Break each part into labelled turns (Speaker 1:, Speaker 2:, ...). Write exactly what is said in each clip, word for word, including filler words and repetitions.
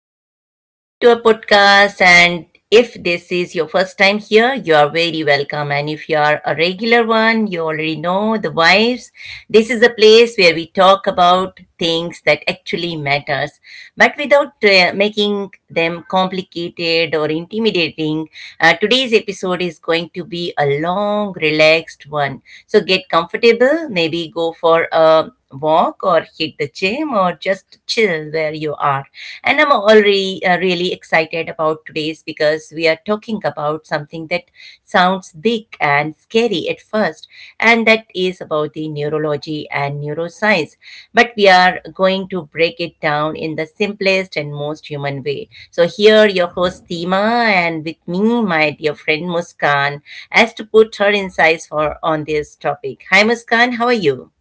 Speaker 1: everyone, welcome back to our podcast. And if this is your first time here, you are very welcome. And if you are a regular one, you already know the vibes. This is a place where we talk about things that actually matters, but without uh, making them complicated or intimidating. Uh, today's episode is going to be a long, relaxed one. So get comfortable, maybe go for a walk or hit the gym game or just chill where you are. And I'm already uh, really excited about today's because we are talking about something that sounds big and scary at first, and that is about the neurology and neuroscience. But we are going to break it down in the simplest and most human way. So here, your host Tima, and with me, my dear friend Muskan, as to put her insights for on this topic. Hi, Muskan. How are you?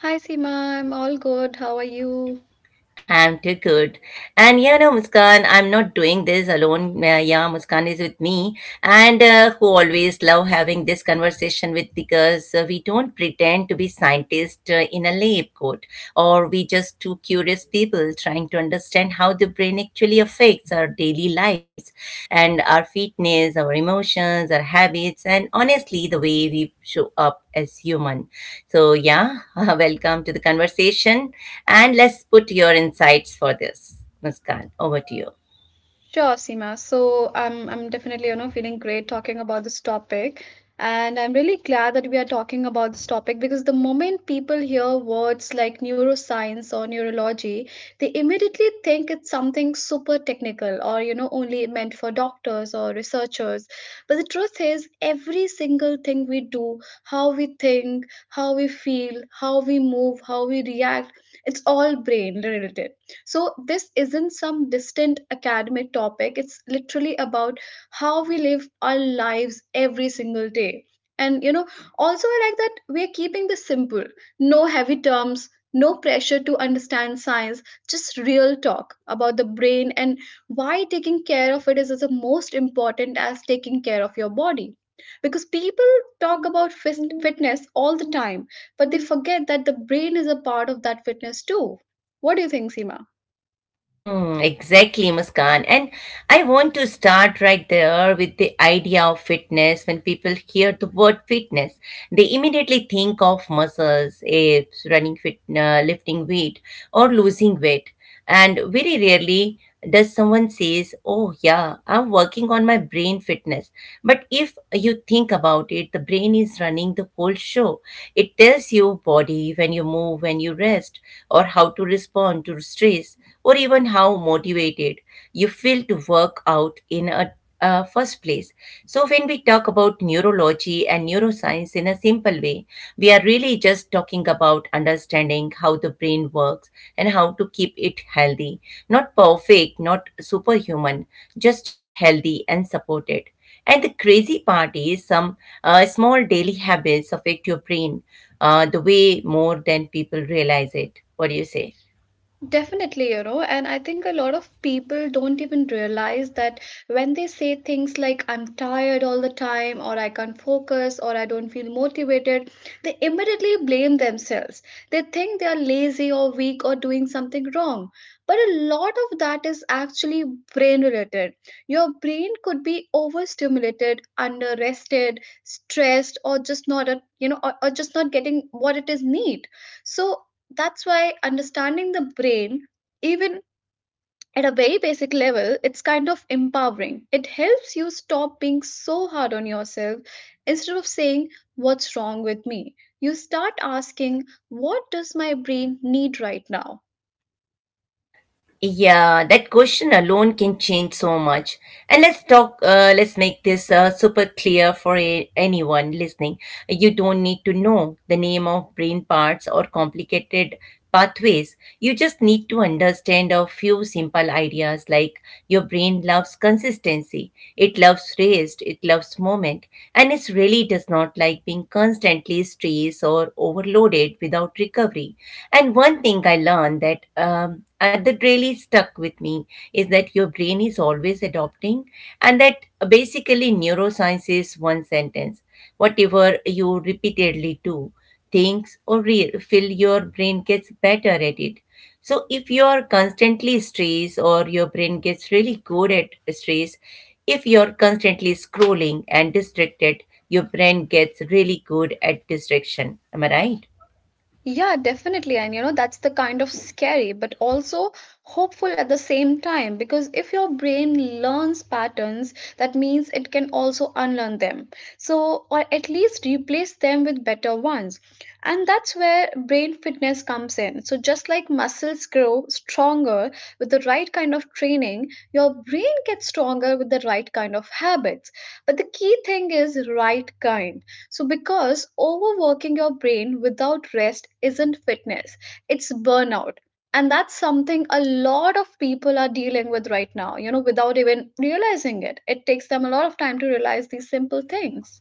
Speaker 2: Hi Seema, I'm all good. How are you?
Speaker 1: I'm too good. And you know, Muskan, I'm not doing this alone. Uh, yeah, Muskan is with me, and uh, who always love having this conversation with because uh, we don't pretend to be scientists uh, in a lab coat, or we just two curious people trying to understand how the brain actually affects our daily lives, and our fitness, our emotions, our habits, and honestly, the way we show up as human. So, yeah, welcome to the conversation. And let's put your insights for this. Muskan, over to you.
Speaker 2: Sure, Seema. So I'm I'm definitely, you know, feeling great talking about this topic. And I'm really glad that we are talking about this topic because the moment people hear words like neuroscience or neurology, they immediately think it's something super technical or, you know, only meant for doctors or researchers. But the truth is, every single thing we do, how we think, how we feel, how we move, how we react, it's all brain related. So this isn't some distant academic topic, it's literally about how we live our lives every single day. And you know, also I like that we're keeping this simple, no heavy terms, no pressure to understand science, just real talk about the brain and why taking care of it is as most important as taking care of your body. Because people talk about fis- fitness all the time, but they forget that the brain is a part of that fitness too. What do you think, Seema?
Speaker 1: Mm, exactly, Muskan. And I want to start right there with the idea of fitness. When people hear the word fitness, they immediately think of muscles, apes, running fit, uh, lifting weight, or losing weight. And very rarely does someone says oh yeah, I'm working on my brain fitness. But if you think about it, the brain is running the whole show. It tells your body when you move, when you rest, or how to respond to stress, or even how motivated you feel to work out in a uh, first place. So, when we talk about neurology and neuroscience in a simple way, we are really just talking about understanding how the brain works and how to keep it healthy. Not perfect, not superhuman, just healthy and supported. And the crazy part is some uh, small daily habits affect your brain uh, the way more than people realize it. What do you say?
Speaker 2: Definitely, you know, and I think a lot of people don't even realize that when they say things like I'm tired all the time, or I can't focus, or I don't feel motivated, they immediately blame themselves. They think they are lazy or weak or doing something wrong. But a lot of that is actually brain related. Your brain could be overstimulated, under rested, stressed, or just not, a, you know, or, or just not getting what it is need. So that's why understanding the brain, even at a very basic level, it's kind of empowering. It helps you stop being so hard on yourself. Instead of saying what's wrong with me, you start asking what does my brain need right now?
Speaker 1: Yeah, that question alone can change so much. And let's talk, uh, let's make this uh, super clear for a- anyone listening. You don't need to know the name of brain parts or complicated pathways. You just need to understand a few simple ideas like your brain loves consistency, it loves rest, it loves movement, and it really does not like being constantly stressed or overloaded without recovery. And one thing I learned that um, uh, that really stuck with me is that your brain is always adopting, and that basically neuroscience is one sentence. Whatever you repeatedly do, thinks or re- feel, your brain gets better at it. So if you are constantly stressed, or your brain gets really good at stress, if you're constantly scrolling and distracted, your brain gets really good at distraction. Am I right?
Speaker 2: Yeah, definitely. And you know, that's the kind of scary, but also hopeful at the same time. Because if your brain learns patterns, that means it can also unlearn them. So, or at least replace them with better ones. And that's where brain fitness comes in. So, just like muscles grow stronger with the right kind of training, your brain gets stronger with the right kind of habits. But the key thing is right kind. So, because overworking your brain without rest isn't fitness, it's burnout. And that's something a lot of people are dealing with right now, you know, without even realizing it. It takes them a lot of time to realize these simple things.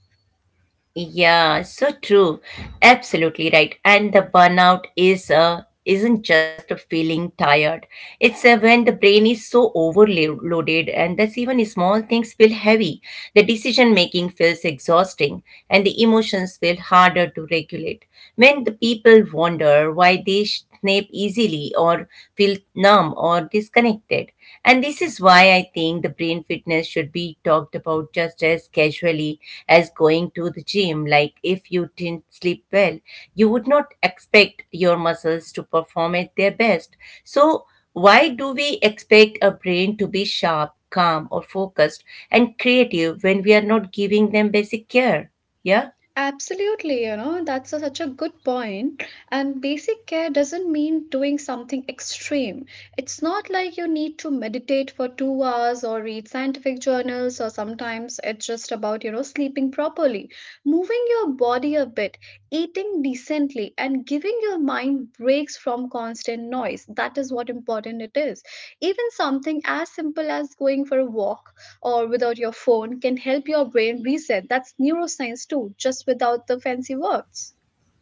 Speaker 1: Yeah, so true. Absolutely right. And the burnout is uh, isn't just a feeling tired. It's uh, when the brain is so overloaded and that's even small things feel heavy. The decision making feels exhausting and the emotions feel harder to regulate. When the people wonder why they snap easily or feel numb or disconnected. And this is why I think the brain fitness should be talked about just as casually as going to the gym. Like if you didn't sleep well, you would not expect your muscles to perform at their best. So, why do we expect a brain to be sharp, calm, or focused and creative when we are not giving them basic care? Yeah.
Speaker 2: Absolutely, you know, that's a, such a good point. And basic care doesn't mean doing something extreme. It's not like you need to meditate for two hours or read scientific journals, or sometimes it's just about, you know, sleeping properly, moving your body a bit, eating decently, and giving your mind breaks from constant noise. That is what important it is. Even something as simple as going for a walk or without your phone can help your brain reset. That's neuroscience too, just without the fancy words.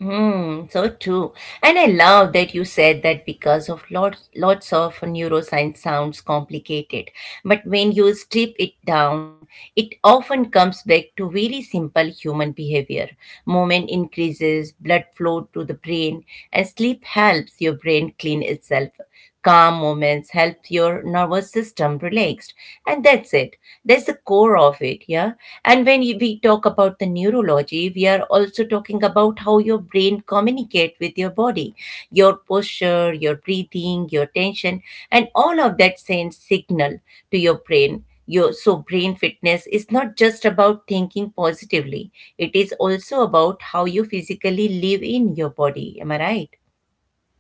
Speaker 1: Mm, so true. And I love that you said that because of lots lots of neuroscience sounds complicated. But when you strip it down, it often comes back to very simple human behavior. Movement increases blood flow to the brain, and sleep helps your brain clean itself. Calm moments help your nervous system relaxed, and that's it. That's the core of it, yeah. And when you- we talk about the neurology, we are also talking about how your brain communicate with your body, your posture, your breathing, your tension, and all of that sends signal to your brain. Your, so brain fitness is not just about thinking positively, it is also about how you physically live in your body, am I right?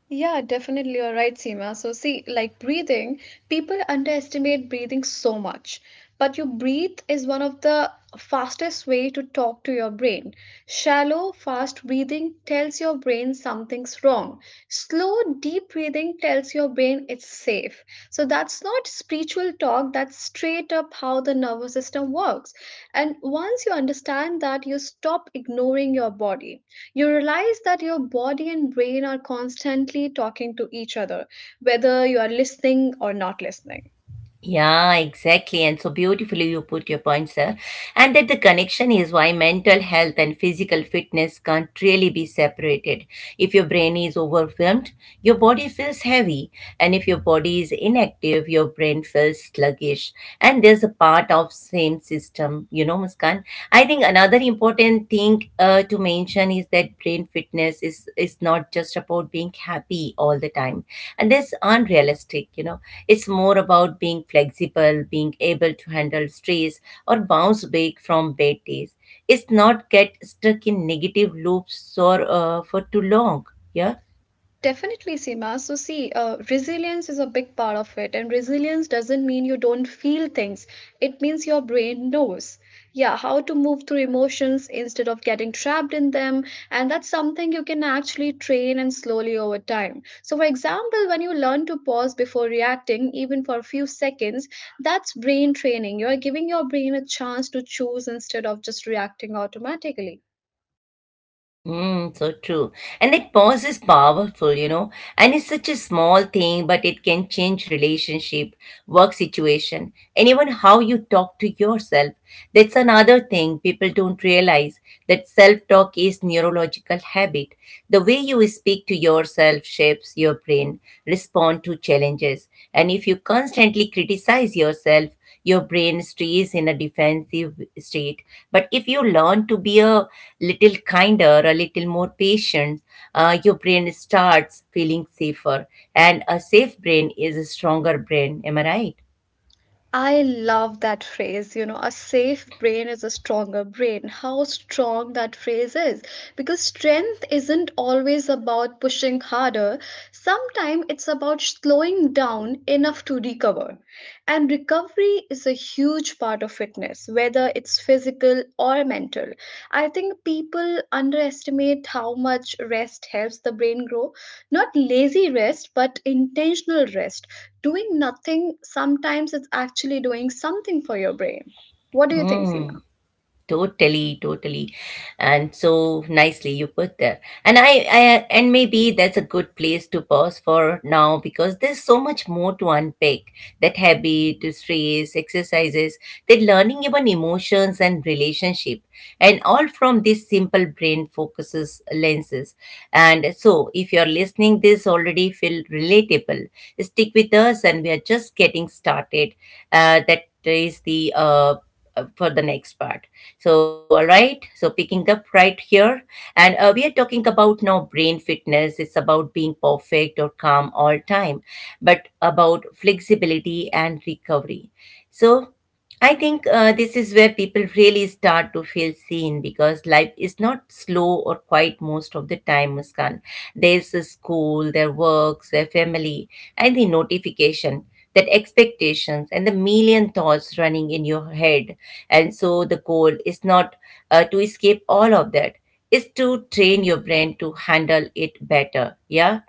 Speaker 2: Yeah, definitely. You're right, Seema. So, see, like breathing, people underestimate breathing so much. But your breathe is one of the fastest way to talk to your brain. Shallow, fast breathing tells your brain something's wrong. Slow, deep breathing tells your brain brain it's safe. So that's not spiritual talk, that's straight up how the nervous system works. And once you understand that, you stop ignoring your body. You realize that your body and brain are constantly talking to each other, whether you are listening or not listening.
Speaker 1: Yeah, exactly. And so beautifully you put your points there. And that the connection is why mental health and physical fitness can't really be separated. If your brain is overwhelmed, your body feels heavy. And if your body is inactive, your brain feels sluggish. And there's a part of same system, you know, Muskan. I think another important thing uh, to mention is that brain fitness is is not just about being happy all the time, and that's unrealistic. You know, it's more about being flexible, being able to handle stress or bounce back from bad days. It's not get stuck in negative loops or uh, for too long. Yeah.
Speaker 2: Definitely, Seema. So, see, uh, resilience is a big part of it, and resilience doesn't mean you don't feel things. It means your brain knows, yeah, how to move through emotions instead of getting trapped in them, and that's something you can actually train and slowly over time. So, for example, when you learn to pause before reacting, even for a few seconds, that's brain training. You are giving your brain a chance to choose instead of just reacting automatically.
Speaker 1: Mm, so true. And that pause is powerful, you know, and it's such a small thing, but it can change relationship, work situation, and even how you talk to yourself. That's another thing people don't realize that self-talk is neurological habit. The way you speak to yourself shapes your brain, respond to challenges, and if you constantly criticize yourself, your brain stays in a defensive state. But if you learn to be a little kinder, a little more patient, uh, your brain starts feeling safer, and a safe brain is a stronger brain, am I right?
Speaker 2: I love that phrase, you know, a safe brain is a stronger brain. How strong that phrase is. Because strength isn't always about pushing harder, sometimes it's about slowing down enough to recover. And recovery is a huge part of fitness, whether it's physical or mental. I think people underestimate how much rest helps the brain grow. Not lazy rest, but intentional rest. Doing nothing sometimes it's actually doing something for your brain. What do you think,
Speaker 1: Hmm.
Speaker 2: Sila?
Speaker 1: Totally, totally. And so nicely you put there. And I, I and maybe that's a good place to pause for now because there's so much more to unpack. That habit, to stress, exercises, that learning even emotions and relationship. And all from this simple brain focuses lenses. And so if you're listening this already feel relatable, stick with us and we are just getting started. Uh, that is the uh, uh, for the next part. So, all right. So, picking up right here, and uh, we are talking about now brain fitness. It's about being perfect or calm all time, but about flexibility and recovery. So, I think uh, this is where people really start to feel seen because life is not slow or quiet most of the time, Muskan. Their school, their works, their family, and the notification, that expectations, and the million thoughts running in your head. And so the goal is not uh, to escape all of that, is to train your brain to handle it better. Yeah.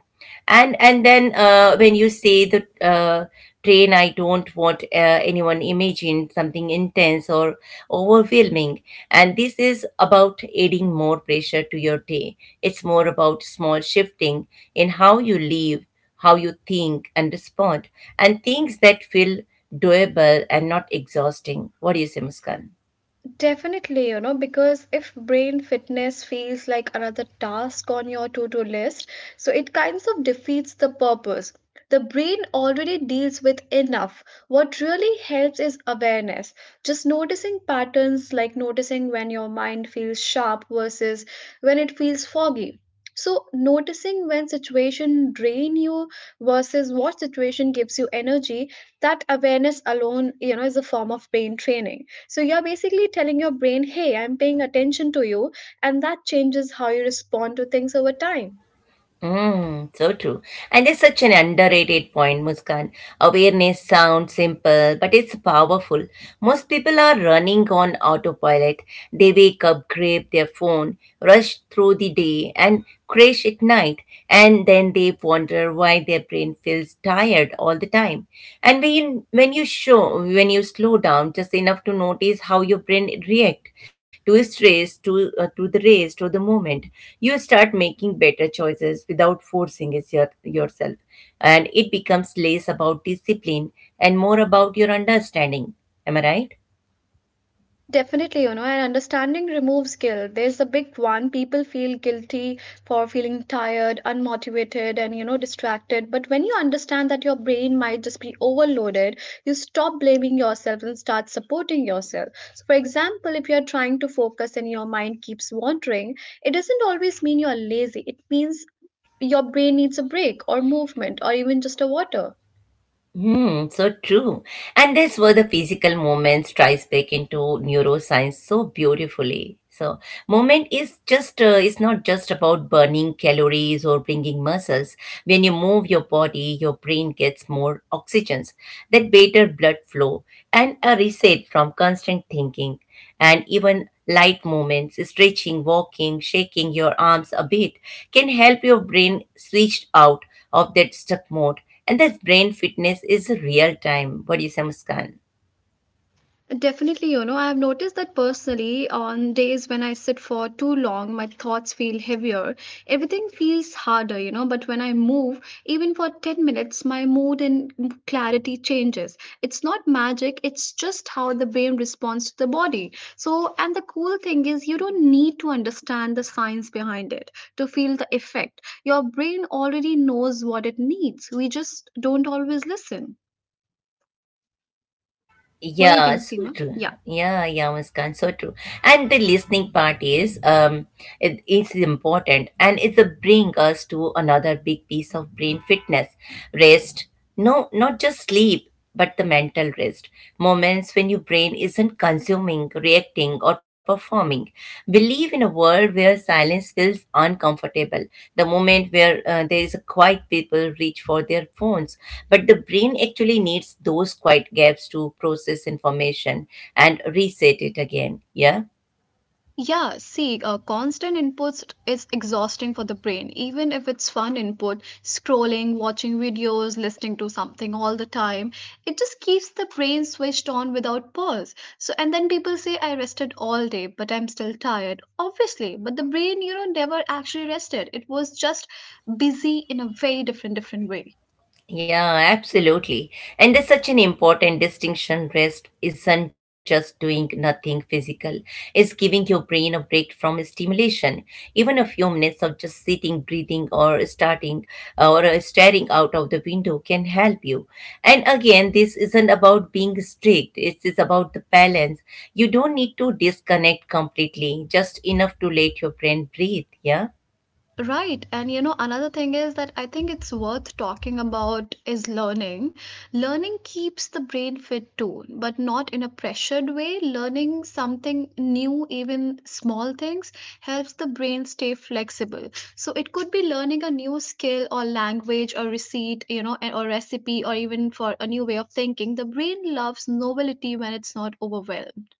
Speaker 1: And and then uh, when you say the uh, train, I don't want uh, anyone imagine something intense or overwhelming, and this is about adding more pressure to your day. It's more about small shifting in how you live, how you think and respond, and things that feel doable and not exhausting. What do you say, Muskan?
Speaker 2: Definitely, you know, because if brain fitness feels like another task on your to do list, so it kinds of defeats the purpose. The brain already deals with enough. What really helps is awareness. Just noticing patterns, like noticing when your mind feels sharp versus when it feels foggy. So, noticing when situation drain you versus what situation gives you energy, that awareness alone, you know, is a form of brain training. So you're basically telling your brain, hey, I'm paying attention to you, and that changes how you respond to things over time.
Speaker 1: Mm, so true. And it's such an underrated point, Muskan. Awareness sounds simple, but it's powerful. Most people are running on autopilot. They wake up, grab their phone, rush through the day, and crash at night. And then they wonder why their brain feels tired all the the time. And when, you, when you show, when you slow down just enough to notice how your brain react to stress, to, uh, to the race to the moment, you start making better choices without forcing it your, yourself. And it becomes less about discipline and more about your understanding. Am I right?
Speaker 2: Definitely, you know, and understanding removes guilt. There's a big one. People feel guilty for feeling tired, unmotivated, and, you know, distracted. But when you understand that your brain might just be overloaded, you stop blaming yourself and start supporting yourself. So, for example, if you're trying to focus and your mind keeps wandering, it doesn't always mean you're lazy. It means your brain needs a break or movement or even just a water.
Speaker 1: Hmm, so true. And that's where the physical movement strikes back into neuroscience so beautifully. So movement is just uh, it's not just about burning calories or bringing muscles. When you move your body, your brain gets more oxygens, that better blood flow, and a reset from constant thinking. And even light movements, stretching, walking, shaking your arms a bit, can help your brain switch out of that stuck mode, and this brain fitness is real time. What do you say, Muskan?
Speaker 2: Definitely, you know, I have noticed that personally on days when I sit for too long, my thoughts feel heavier. Everything feels harder, you know, but when I move, even for ten minutes, my mood and clarity changes. It's not magic, it's just how the brain responds to the body. So, and the cool thing is, you don't need to understand the science behind it to feel the effect. Your brain already knows what it needs. We just don't always listen. What do you
Speaker 1: Yeah,
Speaker 2: think,
Speaker 1: so
Speaker 2: Seema?
Speaker 1: true.
Speaker 2: Yeah.
Speaker 1: Yeah, yeah, Muskan, so true. And the listening part is um it is important, and it's a bring us to another big piece of brain fitness. Rest. No, not just sleep, but the mental rest. Moments when your brain isn't consuming, reacting, or performing. We live in a world where silence feels uncomfortable. The moment where uh, there is a quiet, people reach for their phones. But the brain actually needs those quiet gaps to process information and reset it again. Yeah.
Speaker 2: Yeah, see, uh, constant inputs is exhausting for the brain, even if it's fun input, scrolling, watching videos, listening to something all the time. It just keeps the brain switched on without pause. So, and then people say, I rested all day, but I'm still tired. Obviously, but the brain, you know, never actually rested. It was just busy in a very different, different way.
Speaker 1: Yeah, absolutely. And there's such an important distinction. Rest isn't just doing nothing physical, it's giving your brain a break from stimulation. Even a few minutes of just sitting, breathing, or starting uh, or uh, staring out of the window can help you. And again, this isn't about being strict, it is about the balance. You don't need to disconnect completely, just enough to let your brain breathe. Yeah.
Speaker 2: Right. And you know, another thing is that I think it's worth talking about is learning. Learning keeps the brain fit too, but not in a pressured way. Learning something new, even small things, helps the brain stay flexible. So it could be learning a new skill or language or receipt, you know, and- or recipe or even for a new way of thinking. The brain loves novelty when it's not overwhelmed.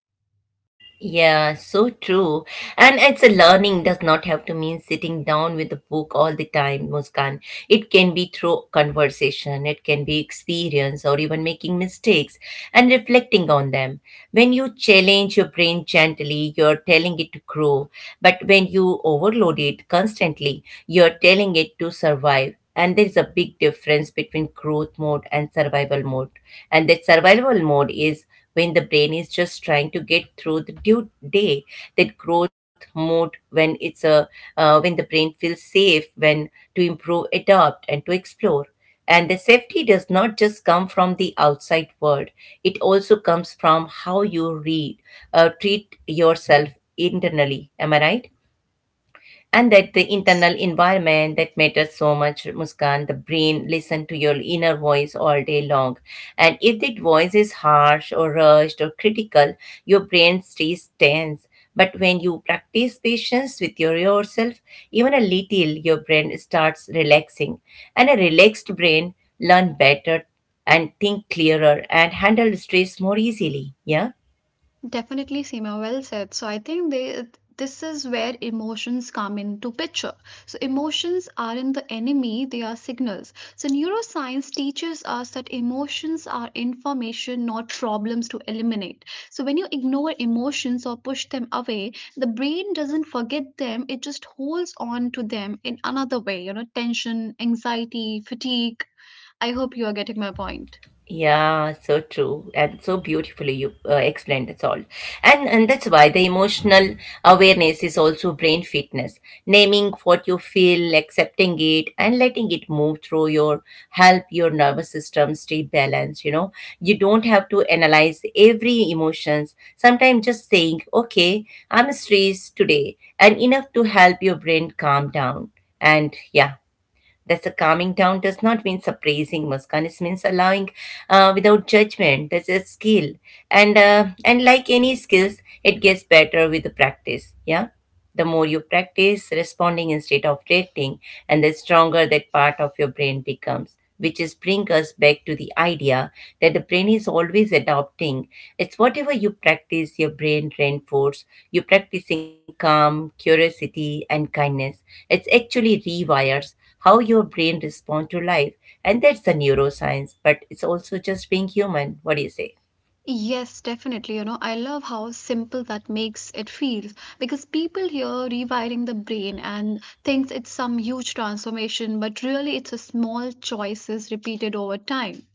Speaker 1: Yeah, so true. And it's a learning does not have to mean sitting down with a book all the time, Muskan. It can be through conversation, it can be experience, or even making mistakes and reflecting on them. When you challenge your brain gently, you're telling it to grow. But when you overload it constantly, you're telling it to survive. And there is a big difference between growth mode and survival mode. And that survival mode is when the brain is just trying to get through the due day. That growth mode when it's a uh, when the brain feels safe, when to improve, adapt and to explore. And the safety does not just come from the outside world, it also comes from how you read, uh, treat yourself internally. Am I right? And that the internal
Speaker 2: Yes,
Speaker 1: environment that matters so much, Muskan. The brain listen to your inner voice all day long, and if that voice is harsh or rushed or critical, your brain stays tense. But when you practice patience with your yourself, even a little, your brain starts relaxing. And a relaxed brain learn better, and think clearer, and handle stress more easily. Yeah.
Speaker 2: definitely, Seema, well said. So I think they, this is where emotions come into picture. So emotions aren't the enemy, they are signals. So neuroscience teaches us that emotions are information, not problems to eliminate. So when you ignore emotions or push them away, the brain doesn't forget them, it just holds on to them in another way, you know, tension, anxiety, fatigue. I hope you are getting my point.
Speaker 1: Yeah, so true, and so beautifully you uh, explained it all. And and that's why the emotional awareness is also brain fitness. Naming what you feel, accepting it and letting it move through your help your nervous system stay balanced, you know. You don't have to analyze every emotions. Sometimes just saying, "Okay, I'm stressed today," and enough to help your brain calm down. And yeah, that's a calming down does not mean suppressing, Muskan. It means allowing uh, without judgment. That's a skill, and uh, and like any skills, it gets better with the practice. Yeah, the more you practice responding instead of reacting, and the stronger that part of your brain becomes. Which is bring us back to the idea that the brain is always adopting. It's whatever you practice, your brain reinforces. You're practicing calm, curiosity, and kindness. It's actually rewires how your brain responds to life. And that's the neuroscience, but it's also just being human. What do you say?
Speaker 2: Yes, definitely. You know, I love how simple that makes it feels because people here rewiring the brain and thinks it's some huge transformation, but really it's a small choices repeated over time.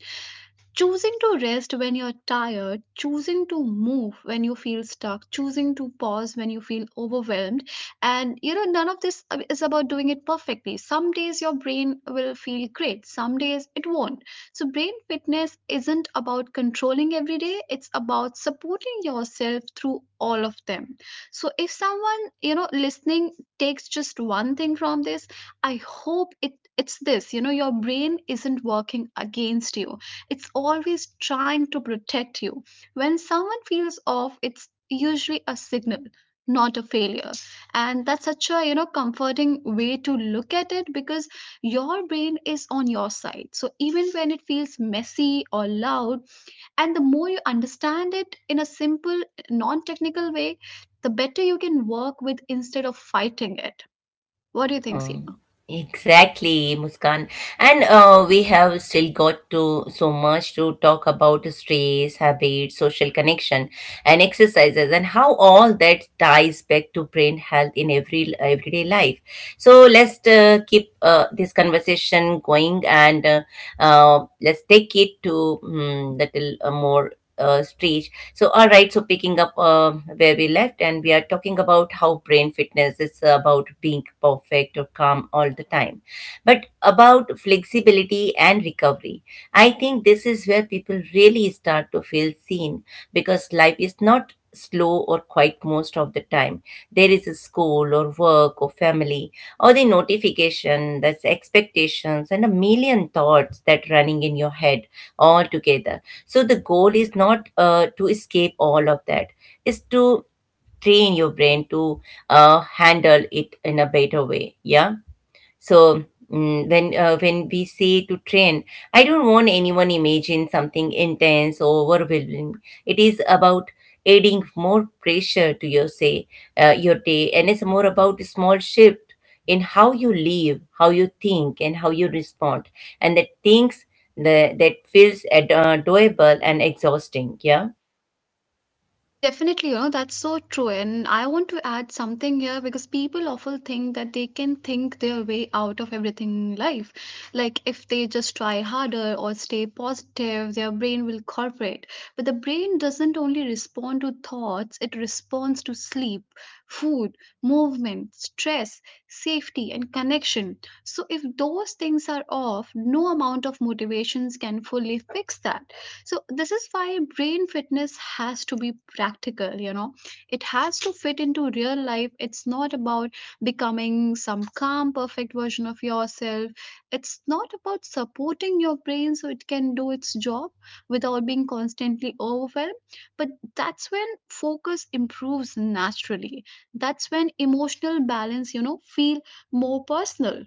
Speaker 2: Choosing to rest when you're tired, choosing to move when you feel stuck, choosing to pause when you feel overwhelmed. And you know, none of this uh, is about doing it perfectly. Some days your brain will feel great, some days it won't. So, brain fitness isn't about controlling every day, it's about supporting yourself through all of them. So, if someone, you know, listening takes just one thing from this, I hope it it's this, you know, your brain isn't working against you, it's always trying to protect you. When someone feels off, it's usually a signal, not a failure. And that's such a, you know, comforting way to look at it because your brain is on your side. So even when it feels messy or loud, and the more you understand it in a simple, non technical way, the better you can work with instead of fighting it. What do you think,
Speaker 1: Hmm.
Speaker 2: Seema?
Speaker 1: Exactly, Muskan. And uh, we have still got to so much to talk about stress, habits, social connection, and exercises, and how all that ties back to brain health in every everyday life. So let's uh, keep uh, this conversation going, and uh, uh, let's take it to um, little uh, more uh, stage. So, all right. So, picking up uh, where we left, and we are talking about how brain fitness is about being perfect or calm all the time, but about flexibility and recovery. I think this is where people really start to feel seen, because life is not slow or quiet most of the time. There is a school or work or family or the notification, that's expectations, and a million thoughts that running in your head all together. So the goal is not uh, to escape all of that, is to train your brain to uh, handle it in a better way. Yeah. So mm, when uh, when we say to train, I don't want anyone imagine something intense or overwhelming. It is about adding more pressure to your say uh, your day, and it's more about a small shift in how you live, how you think, and how you respond. And that things that, that feels ad- uh, doable and exhausting. Yeah.
Speaker 2: Definitely, you know, that's so true. And I want to add something here because people often think that they can think their way out of everything in life. Like if they just try harder or stay positive, their brain will cooperate. But the brain doesn't only respond to thoughts, it responds to sleep, food, movement, stress, safety, and connection. So if those things are off, no amount of motivations can fully fix that. So this is why brain fitness has to be practical, you know. It has to fit into real life. It's not about becoming some calm perfect version of yourself. It's not about supporting your brain so it can do its job without being constantly overwhelmed. But that's when focus improves naturally, that's when emotional balance, you know, feel more personal.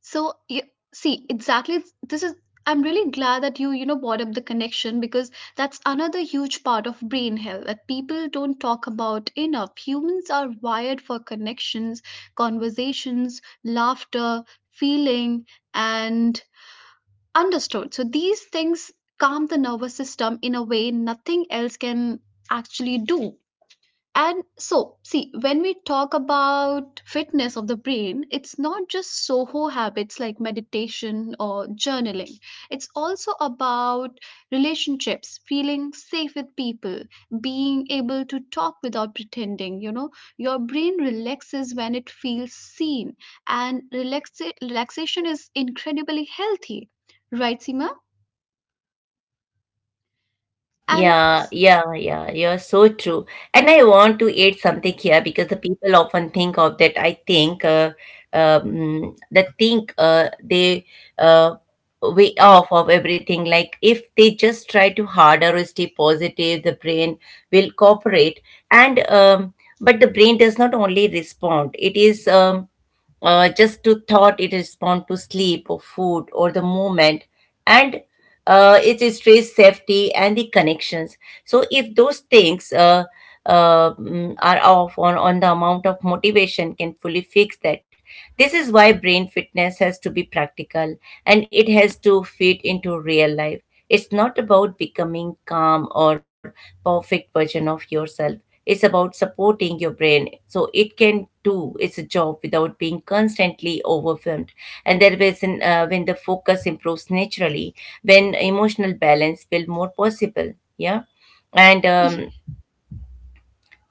Speaker 2: So you see exactly this is, I'm really glad that you you know brought up the connection because that's another huge part of brain health that people don't talk about enough. Humans are wired for connections, conversations, laughter, feeling and understood. So these things calm the nervous system in a way nothing else can actually do. And so, see, when we talk about fitness of the brain, it's not just Soho habits like meditation or journaling. It's also about relationships, feeling safe with people, being able to talk without pretending. You know, your brain relaxes when it feels seen, and relaxa- relaxation is incredibly healthy, right, Seema? And
Speaker 1: Yeah,
Speaker 2: s-
Speaker 1: yeah, yeah, you're so true. And I want to add something here because the people often think of that. I think uh, um, that think uh, they uh, Way off of everything. Like if they just try to harder or stay positive, the brain will cooperate. And um, But the brain does not only respond. It is um, uh, Just to thought, it respond to sleep or food or the movement. And uh, it is stress, safety and the connections. So if those things uh, uh, mm, are off, on, on the amount of motivation can fully fix that. This is why brain fitness has to be practical, and it has to fit into real life. It's not about becoming calm or perfect version of yourself. It's about supporting your brain so it can do its job without being constantly overwhelmed. And there is an, uh, when the focus improves naturally, when emotional balance feel more possible. Yeah. and um,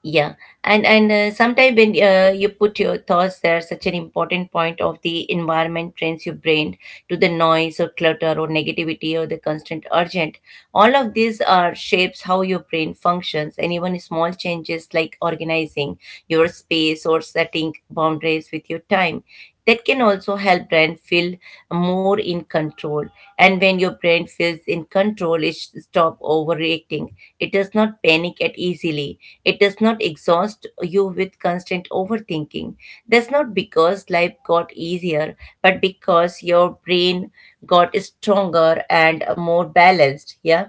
Speaker 1: yeah, and and uh, sometimes when uh, you put your thoughts there, such an important point of the environment trains your brain to the noise or clutter or negativity or the constant urgent. All of these are shapes how your brain functions, and even small changes like organizing your space or setting boundaries with your time. That can also help brain feel more in control. And when your brain feels in control, it stop overreacting. It does not panic at easily, it does not exhaust you with constant overthinking. That's not because life got easier, but because your brain got stronger and more balanced. Yeah.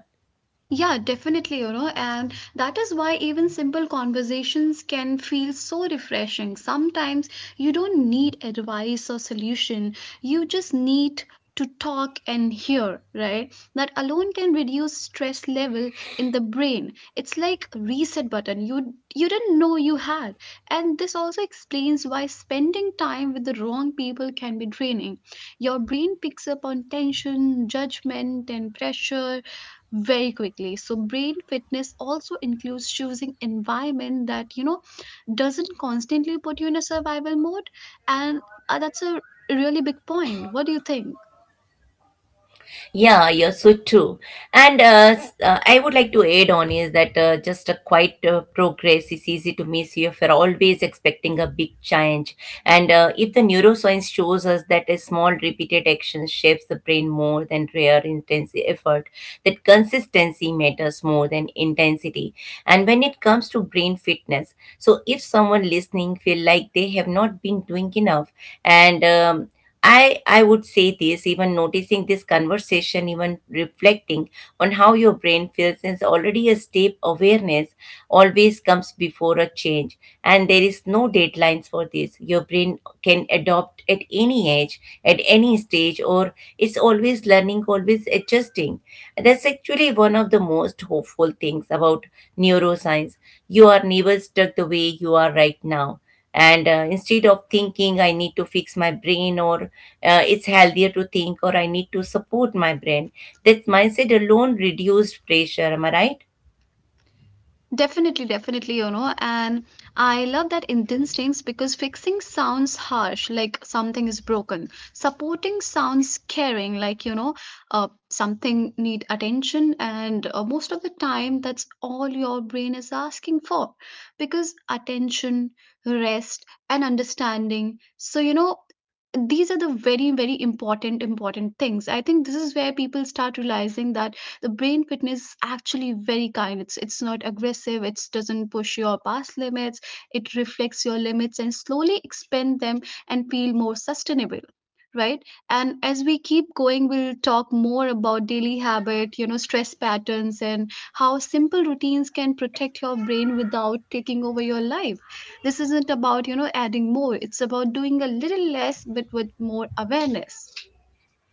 Speaker 2: yeah, definitely, you know, and that is why even simple conversations can feel so refreshing. Sometimes you don't need advice or solution, you just need to talk and hear, right? That alone can reduce stress level in the brain. It's like reset button you you didn't know you had. And this also explains why spending time with the wrong people can be draining. Your brain picks up on tension, judgment and pressure very quickly. So brain fitness also includes choosing environment that, you know, doesn't constantly put you in a survival mode. And uh, that's a really big point. What do you think?
Speaker 1: Yeah, you're so true. And uh, s- uh, I would like to add on is that uh, just a quiet uh, progress is easy to miss if you're always expecting a big change. And uh, if the neuroscience shows us that a small repeated action shapes the brain more than rare intense effort, that consistency matters more than intensity. And when it comes to brain fitness, so if someone listening feel like they have not been doing enough and um, I, I would say this, even noticing this conversation, even reflecting on how your brain feels is already a step. Awareness always comes before a change. And there is no deadlines for this. Your brain can adopt at any age, at any stage, or it's always learning, always adjusting. That's actually one of the most hopeful things about neuroscience. You are never stuck the way you are right now. And uh, instead of thinking I need to fix my brain, or uh, it's healthier to think or I need to support my brain. That mindset alone reduced pressure. Am I right?
Speaker 2: Definitely, definitely, you know, and I love that in instincts because fixing sounds harsh, like something is broken. Supporting sounds caring, like, you know, uh, something need attention, and uh, most of the time, that's all your brain is asking for, because attention, rest, and understanding. So, you know, these are the very, very important, important things. I think this is where people start realizing that the brain fitness is actually very kind. It's it's not aggressive, it doesn't push your past limits, it reflects your limits and slowly expand them and feel more sustainable, right? And as we keep going, we'll talk more about daily habit, you know, stress patterns and how simple routines can protect your brain without taking over your life. This isn't about, you know, adding more. It's about doing a little less but with more awareness.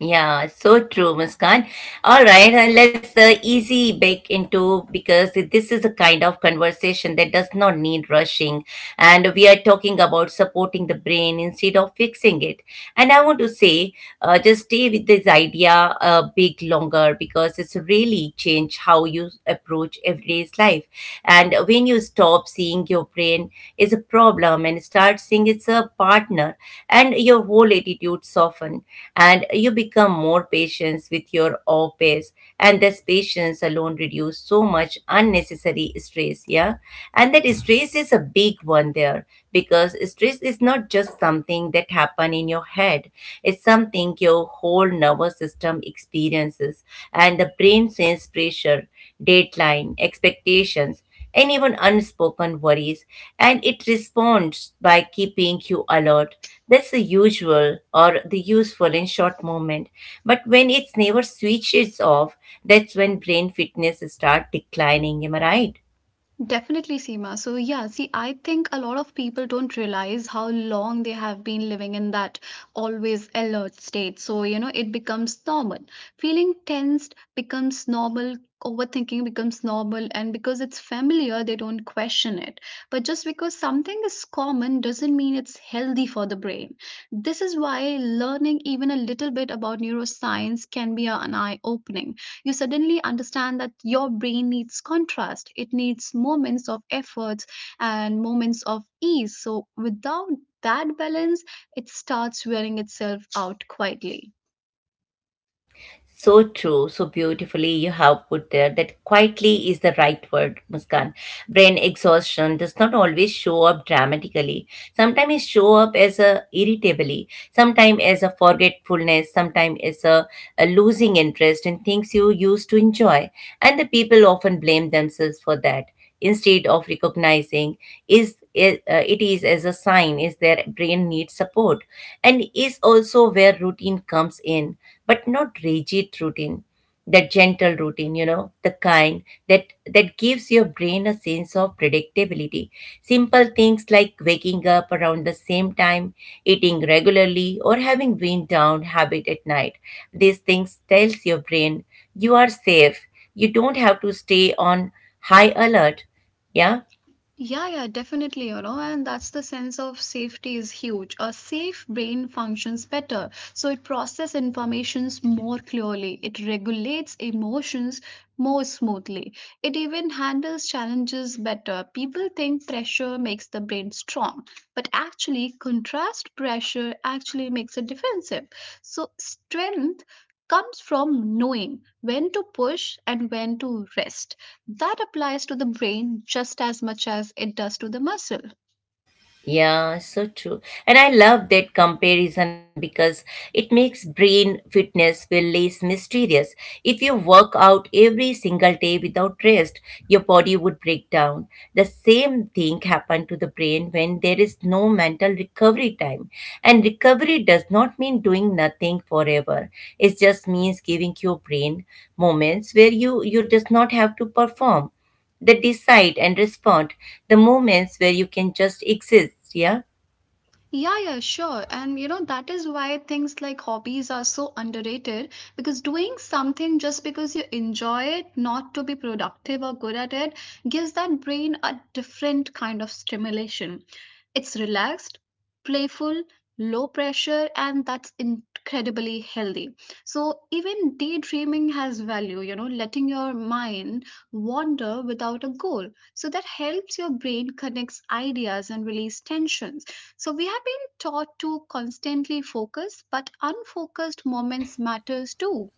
Speaker 1: Yeah, so true, Muskan. All right, uh, let's uh, easy back into, because this is a kind of conversation that does not need rushing, and we are talking about supporting the brain instead of fixing it. And I want to say, uh, just stay with this idea a bit longer because it's really change how you approach everyday's life. And when you stop seeing your brain as a problem and start seeing it's a partner, and your whole attitude soften, and you become more patient with your office, and this patience alone reduce so much unnecessary stress. Yeah. And that stress is a big one there, because stress is not just something that happen in your head, it's something your whole nervous system experiences. And the brain sense pressure, deadline, expectations, and even unspoken worries, and it responds by keeping you alert. That's the usual or the useful in short moment. But when it's never switches off, that's when brain fitness start declining. Am I right?
Speaker 2: Definitely, Seema. So, yeah, see, I think a lot of people don't realize how long they have been living in that always alert state. So, you know, it becomes normal. Feeling tensed becomes normal, overthinking becomes normal, and because it's familiar, they don't question it. But just because something is common doesn't mean it's healthy for the brain. This is why learning even a little bit about neuroscience can be an eye opening. You suddenly understand that your brain needs contrast, it needs moments of effort and moments of ease. So without that balance, it starts wearing itself out quietly.
Speaker 1: So true, so beautifully you have put there that quietly is the right word, Muskan. Brain exhaustion does not always show up dramatically. Sometimes it show up as a irritability, sometimes as a forgetfulness, sometimes as a, a losing interest in things you used to enjoy. And the people often blame themselves for that instead of recognizing is it, uh, it is as a sign is their brain needs support, and is also where routine comes in, but not rigid routine. That gentle routine you know the kind that that gives your brain a sense of predictability. Simple things like waking up around the same time, eating regularly, or having wind down habit at night. These things tells your brain you are safe, you don't have to stay on high alert. Yeah.
Speaker 2: Yeah, yeah, definitely, you know, and that's the sense of safety is huge. A safe brain functions better, so it processes informations more clearly, it regulates emotions more smoothly, it even handles challenges better. People think pressure makes the brain strong, but actually, contrast pressure actually makes it defensive. So, strength comes from knowing when to push and when to rest. That applies to the brain just as much as it does to the muscle.
Speaker 1: Yeah, so true. And I love that comparison because it makes brain fitness feel less mysterious. If you work out every single day without rest, your body would break down. The same thing happened to the brain when there is no mental recovery time. And recovery does not mean doing nothing forever, it just means giving your brain moments where you you does not have to perform, that decide and respond. The moments where you can just exist. Yeah.
Speaker 2: Yeah, yeah, sure. And you know, that is why things like hobbies are so underrated because doing something just because you enjoy it, not to be productive or good at it, gives that brain a different kind of stimulation. It's relaxed, playful, low pressure, and that's incredibly healthy. So, even daydreaming has value, you know, letting your mind wander without a goal. So, that helps your brain connects ideas and release tensions. So we have been taught to constantly focus, but unfocused moments matters too.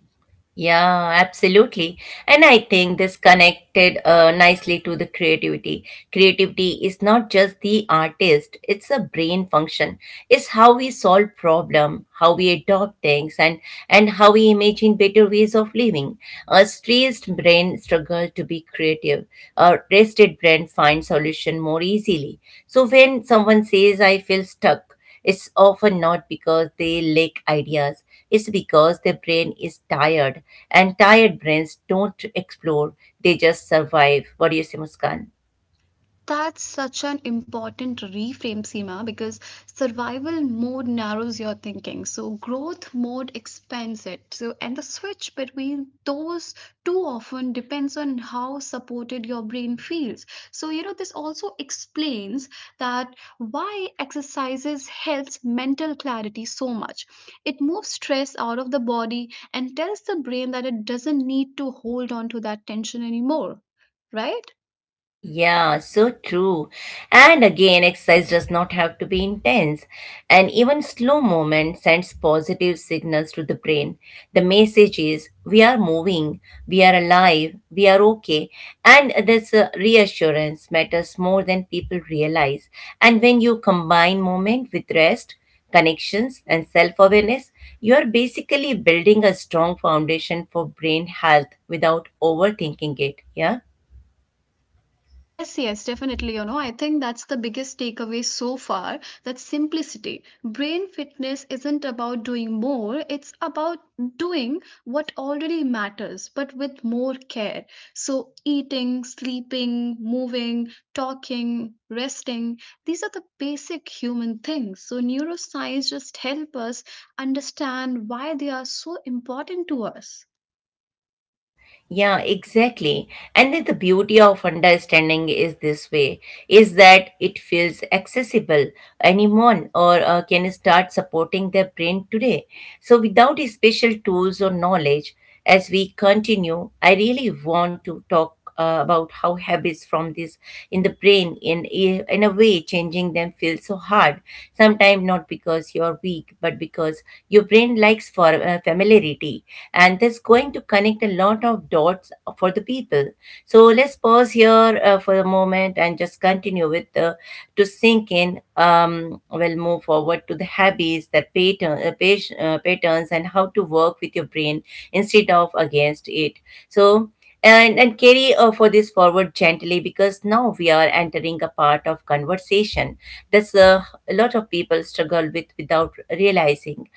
Speaker 1: Yeah, absolutely. And I think this connected uh, nicely to the creativity. Creativity is not just the artist, it's a brain function. It's how we solve problem, how we adopt things, and and how we imagine better ways of living. A stressed brain struggle to be creative, a rested brain finds solution more easily. So when someone says I feel stuck, it's often not because they lack ideas, it's because their brain is tired, and tired brains don't explore, they just survive. What do you say, Muskan?
Speaker 2: That's such an important reframe, Seema, because survival mode narrows your thinking. So growth mode expands it. So and the switch between those too often depends on how supported your brain feels. So, you know, this also explains that why exercises helps mental clarity so much. It moves stress out of the body and tells the brain that it doesn't need to hold on to that tension anymore. Right?
Speaker 1: Yeah, so true. And again, exercise does not have to be intense. And even slow movement sends positive signals to the brain. The message is we are moving, we are alive, we are okay. And this uh, reassurance matters more than people realize. And when you combine movement with rest, connections, and self awareness, you are basically building a strong foundation for brain health without overthinking it. Yeah.
Speaker 2: Yes, yes, definitely. You know, I think that's the biggest takeaway so far, that simplicity. Brain fitness isn't about doing more, it's about doing what already matters, but with more care. So, eating, sleeping, moving, talking, resting, these are the basic human things. So, neuroscience just help us understand why they are so important to us.
Speaker 1: Yeah, exactly. And then the beauty of understanding is this way is that it feels accessible. Anyone or uh, can start supporting their brain today. So without special tools or knowledge, as we continue, I really want to talk uh, about how habits from this in the brain in a, in a way changing them feels so hard sometimes, not because you're weak, but because your brain likes for uh, familiarity, and that's going to connect a lot of dots for the people. So let's pause here uh, for a moment and just continue with the to sink in. Um, we'll move forward to the habits that pattern, uh, pat- uh, patterns and how to work with your brain instead of against it. So and, and carry uh, for this forward gently, because now we are entering a part of conversation that's uh, a lot of people struggle with without realizing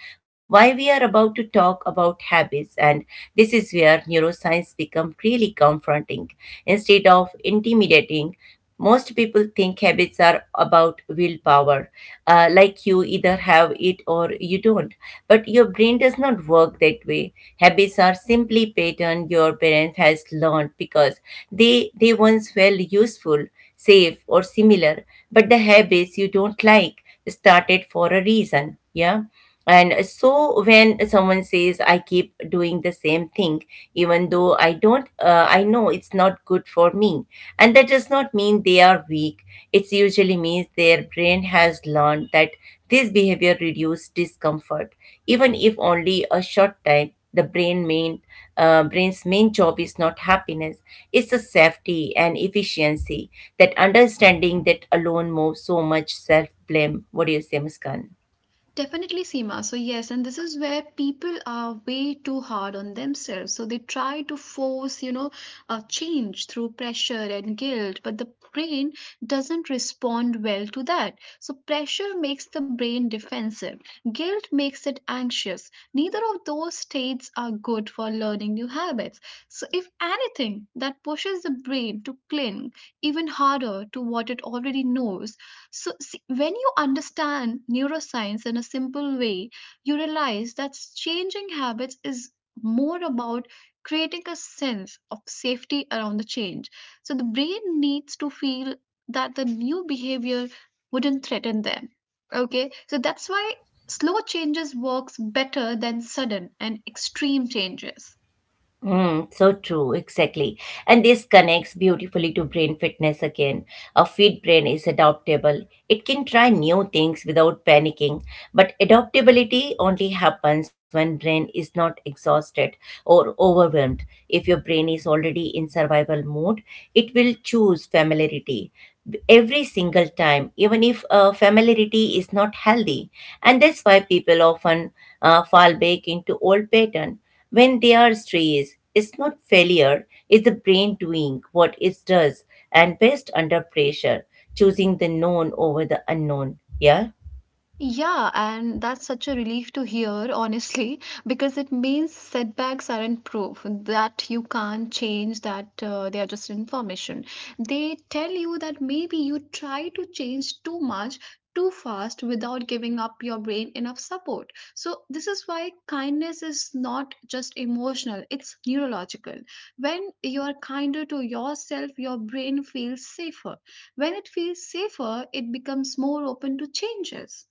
Speaker 1: why. We are about to talk about habits, and this is where neuroscience become really confronting instead of intimidating. Most people think habits are about willpower, uh, like you either have it or you don't. But your brain does not work that way. Habits are simply pattern your parents has learned because they they once felt useful, safe, or similar. But the habits you don't like started for a reason. Yeah. And so when someone says I keep doing the same thing, even though I don't, uh, I know it's not good for me, and that does not mean they are weak. It usually means their brain has learned that this behavior reduces discomfort, even if only a short time. The brain main uh, brain's main job is not happiness; it's the safety and efficiency. That understanding that alone moves so much self blame. What do you say, Muskan?
Speaker 2: Definitely, Seema. So, yes, and this is where people are way too hard on themselves. So, they try to force, you know, a change through pressure and guilt, but the brain doesn't respond well to that. So, pressure makes the brain defensive, guilt makes it anxious. Neither of those states are good for learning new habits. So, if anything, that pushes the brain to cling even harder to what it already knows. So, see, when you understand neuroscience in a simple way, you realize that changing habits is more about creating a sense of safety around the change. So, the brain needs to feel that the new behavior wouldn't threaten them. Okay, so that's why slow changes works better than sudden and extreme changes.
Speaker 1: Mm, so true, exactly. And this connects beautifully to brain fitness again. A fit brain is adaptable. It can try new things without panicking, but adaptability only happens when brain is not exhausted or overwhelmed. If your brain is already in survival mode, it will choose familiarity every single time, even if uh, familiarity is not healthy. And that's why people often uh, fall back into old pattern. When they are stressed, it's not failure, it's the brain doing what it does and best under pressure, choosing the known over the unknown. Yeah?
Speaker 2: Yeah, and that's such a relief to hear, honestly, because it means setbacks aren't proof that you can't change, that uh, they are just information. They tell you that maybe you try to change too much, too fast, without giving up your brain enough support. So, this is why kindness is not just emotional, it's neurological. When you are kinder to yourself, your brain feels safer. When it feels safer, it becomes more open to changes.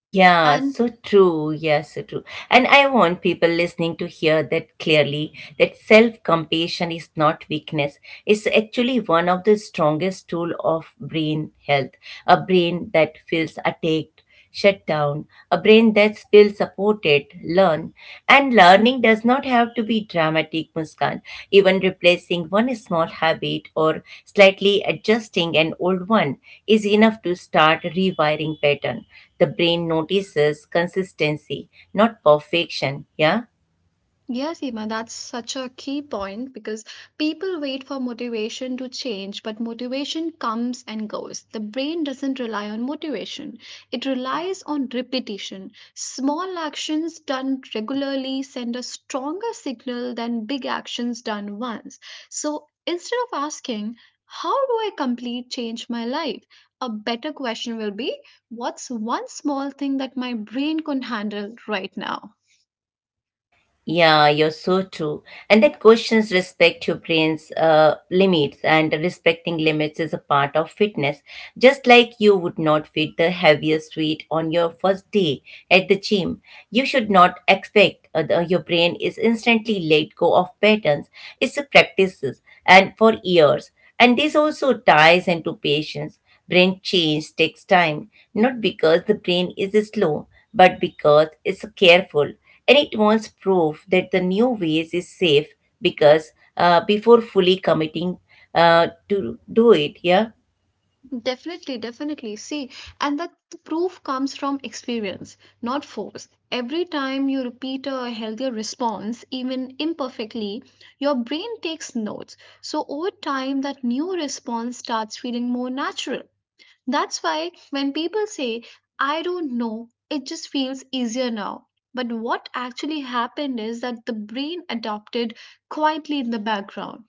Speaker 1: Yeah,
Speaker 2: And
Speaker 1: so true. Yeah, so true. And I want people listening to hear that clearly, that self compassion is not weakness. It's actually one of the strongest tool of brain health. A brain that feels attacked, shut down, a brain that feels supported, learn. And learning does not have to be dramatic, Muskan. Even replacing one small habit or slightly adjusting an old one is enough to start rewiring pattern. The brain notices consistency, not perfection. Yeah.
Speaker 2: yes, Seema, that's such a key point because people wait for motivation to change, but motivation comes and goes. The brain doesn't rely on motivation, it relies on repetition. Small actions done regularly send a stronger signal than big actions done once. So instead of asking, how do I complete change my life? A better question will be, what's one small thing that my brain can handle right now?
Speaker 1: Yeah, you're so true. And that questions respect your brain's uh, limits, and respecting limits is a part of fitness. Just like you would not fit the heaviest weight on your first day at the gym, you should not expect uh, the- your brain is instantly let go of patterns. It's a practices and for years. And this also ties into patience. Brain change takes time, not because the brain is slow, but because it's careful, and it wants proof that the new ways is safe, because uh, before fully committing uh, to do it. Yeah.
Speaker 2: Definitely, definitely. See, and that the proof comes from experience, not force. Every time you repeat a healthier response, even imperfectly, your brain takes notes. So over time, that new response starts feeling more natural. That's why when people say, I don't know, it just feels easier now. But what actually happened is that the brain adopted quietly in the background.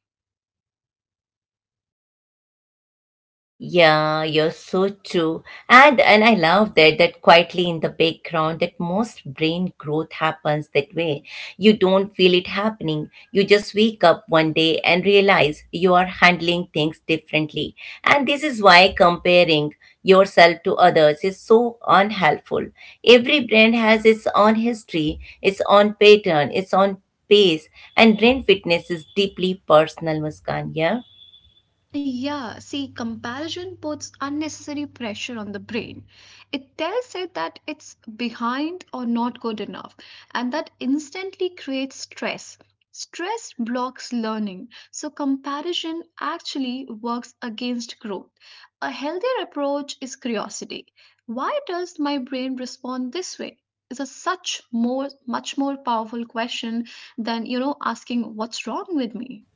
Speaker 1: Yeah, you're so true. And and I love that, that quietly in the background, that most brain growth happens that way. You don't feel it happening. You just wake up one day and realize you are handling things differently. And this is why comparing yourself to others is so unhelpful. Every brand has its own history, its own pattern, its own pace, and brain fitness is deeply personal, Muskan. Yeah.
Speaker 2: Yeah, see, comparison puts unnecessary pressure on the brain. It tells it that it's behind or not good enough, and that instantly creates stress. Stress blocks learning, so comparison actually works against growth. A healthier approach is curiosity. Why does my brain respond this way? Is a such more much more powerful question than, you know, asking what's wrong with me.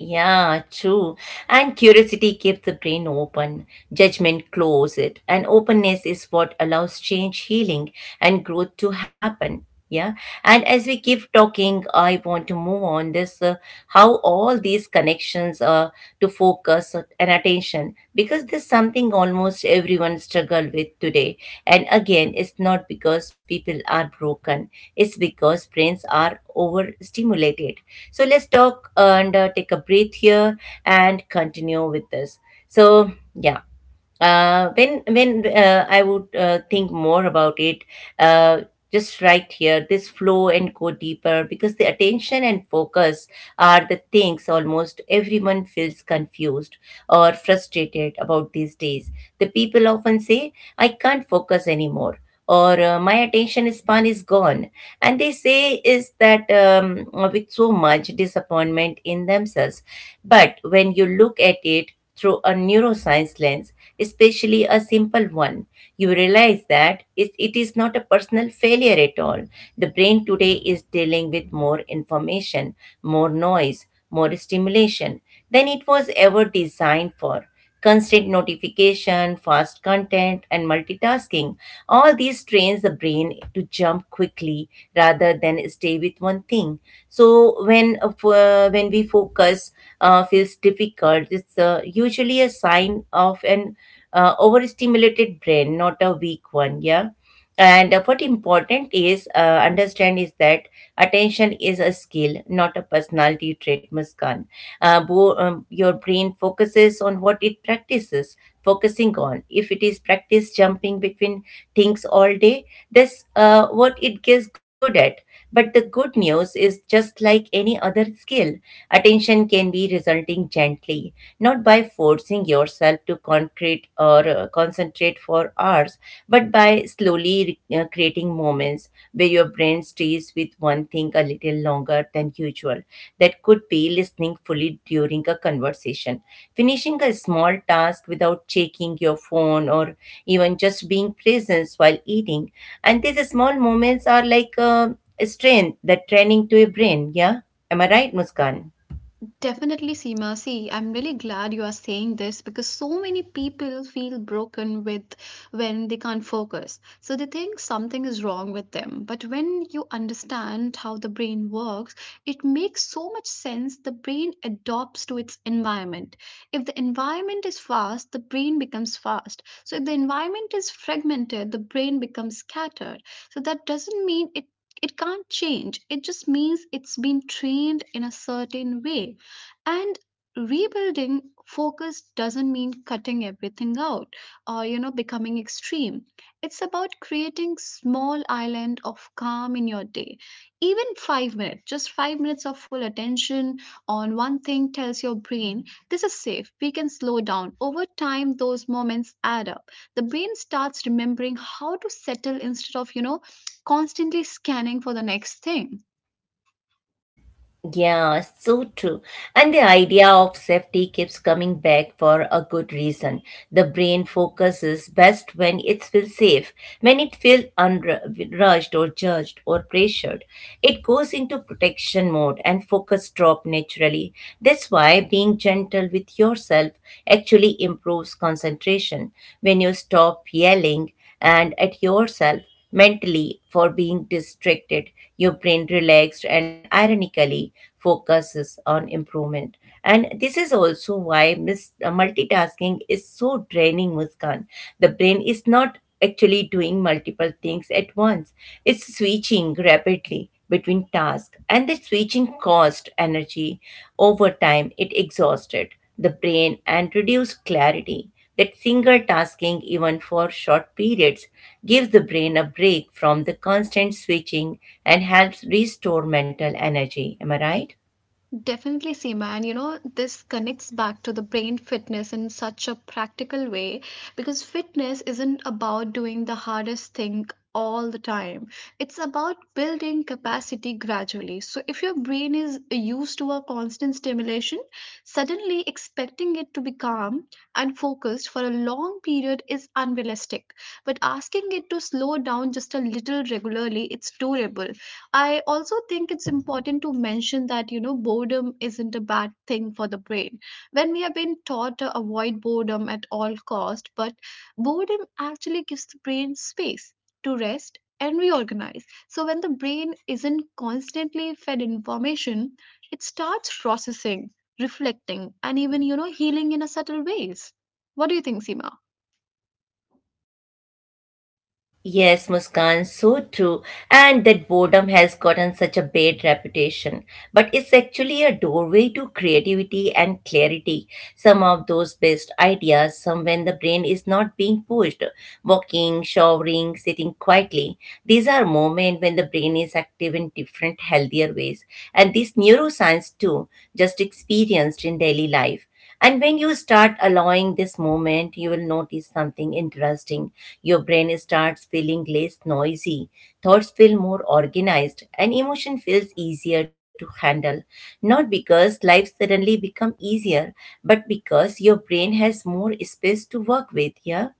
Speaker 1: Yeah, true. And curiosity keeps the brain open, judgment closes it, and openness is what allows change, healing, and growth to happen. Yeah. And as we keep talking, I want to move on this uh, how all these connections are to focus focus and attention, because there's something almost everyone struggle with today. And again, it's not because people are broken, it's because brains are overstimulated. So let's talk and uh, take a breath here and continue with this. So, yeah, uh, when when uh, I would uh, think more about it, uh, just right here, this flow and go deeper, because the attention and focus are the things almost everyone feels confused or frustrated about these days. The people often say, "I can't focus anymore," or uh, my attention span is gone, and they say is that um, with so much disappointment in themselves. But when you look at it through a neuroscience lens, especially a simple one, you realize that it, it is not a personal failure at all. The brain today is dealing with more information, more noise, more stimulation than it was ever designed for. Constant notification, fast content, and multitasking. All these trains the brain to jump quickly rather than stay with one thing. So when uh, f- uh, when we focus uh, feels difficult, it's uh, usually a sign of an uh, overstimulated brain, not a weak one. Yeah. And what important is uh, understand is that attention is a skill, not a personality trait, Muskan. Uh, bo- um, your brain focuses on what it practices focusing on. If it is practice jumping between things all day, that's uh, what it gets good at. But the good news is, just like any other skill, attention can be resulting gently, not by forcing yourself to concrete or uh, concentrate for hours, but by slowly re- uh, creating moments where your brain stays with one thing a little longer than usual. That could be listening fully during a conversation, finishing a small task without checking your phone, or even just being present while eating. And these small moments are like uh, a strength that training to a brain. Yeah. Am I right, Muskan?
Speaker 2: Definitely, Seema. See, I'm really glad you are saying this because so many people feel broken with when they can't focus. So they think something is wrong with them. But when you understand how the brain works, it makes so much sense. The brain adopts to its environment. If the environment is fast, the brain becomes fast. So if the environment is fragmented, the brain becomes scattered. So that doesn't mean it it can't change. It just means it's been trained in a certain way. And rebuilding focus doesn't mean cutting everything out or, you know, becoming extreme. It's about creating small island of calm in your day. Even five minutes, just five minutes of full attention on one thing tells your brain this is safe. We can slow down. Over time those moments add up. The brain starts remembering how to settle instead of, you know, constantly scanning for the next thing.
Speaker 1: Yeah, so true. And the idea of safety keeps coming back for a good reason. The brain focuses best when it feels safe. When it feels unru- rushed or judged or pressured, it goes into protection mode and focus drop naturally. That's why being gentle with yourself actually improves concentration. When you stop yelling and at yourself mentally for being distracted, your brain relaxed and ironically focuses on improvement. And this is also why mis- uh, multitasking is so draining, Muskan. The brain is not actually doing multiple things at once, it's switching rapidly between tasks, and the switching cost energy. Over time it exhausted the brain and reduced clarity, that single tasking, even for short periods, gives the brain a break from the constant switching and helps restore mental energy. Am I right?
Speaker 2: Definitely, Seema. And you know, this connects back to the brain fitness in such a practical way because fitness isn't about doing the hardest thing all the time. It's about building capacity gradually. So, if your brain is used to a constant stimulation, suddenly expecting it to be calm and focused for a long period is unrealistic. But asking it to slow down just a little regularly, it's doable. I also think it's important to mention that, you know, boredom isn't a bad thing for the brain. When we have been taught to avoid boredom at all cost, but boredom actually gives the brain space to rest and reorganize. So when the brain isn't constantly fed information, it starts processing, reflecting, and even, you know, healing in a subtle ways. What do you think, Seema?
Speaker 1: Yes, Muskan, so true. And that boredom has gotten such a bad reputation. But it's actually a doorway to creativity and clarity. Some of those best ideas some when the brain is not being pushed. Walking, showering, sitting quietly. These are moments when the brain is active in different, healthier ways. And this neuroscience too, just experienced in daily life. And when you start allowing this moment, you will notice something interesting. Your brain starts feeling less noisy, thoughts feel more organized, and emotion feels easier to handle. Not because life suddenly become easier, but because your brain has more space to work with. Yeah.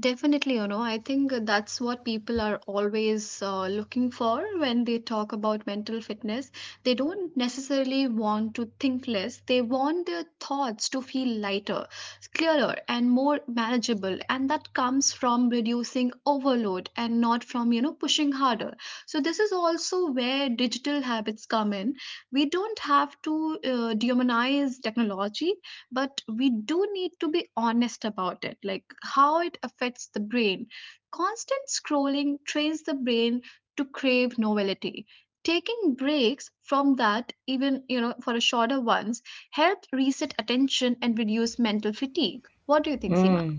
Speaker 2: Definitely, you know, I think that's what people are always uh, looking for when they talk about mental fitness. They don't necessarily want to think less, they want their thoughts to feel lighter, clearer, and more manageable. And that comes from reducing overload and not from, you know, pushing harder. So, this is also where digital habits come in. We don't have to uh, demonize technology, but we do need to be honest about it, like how it affects the brain. Constant scrolling trains the brain to crave novelty. Taking breaks from that, even you know for a shorter ones, help reset attention and reduce mental fatigue. What do you think, Seema?
Speaker 1: Hmm.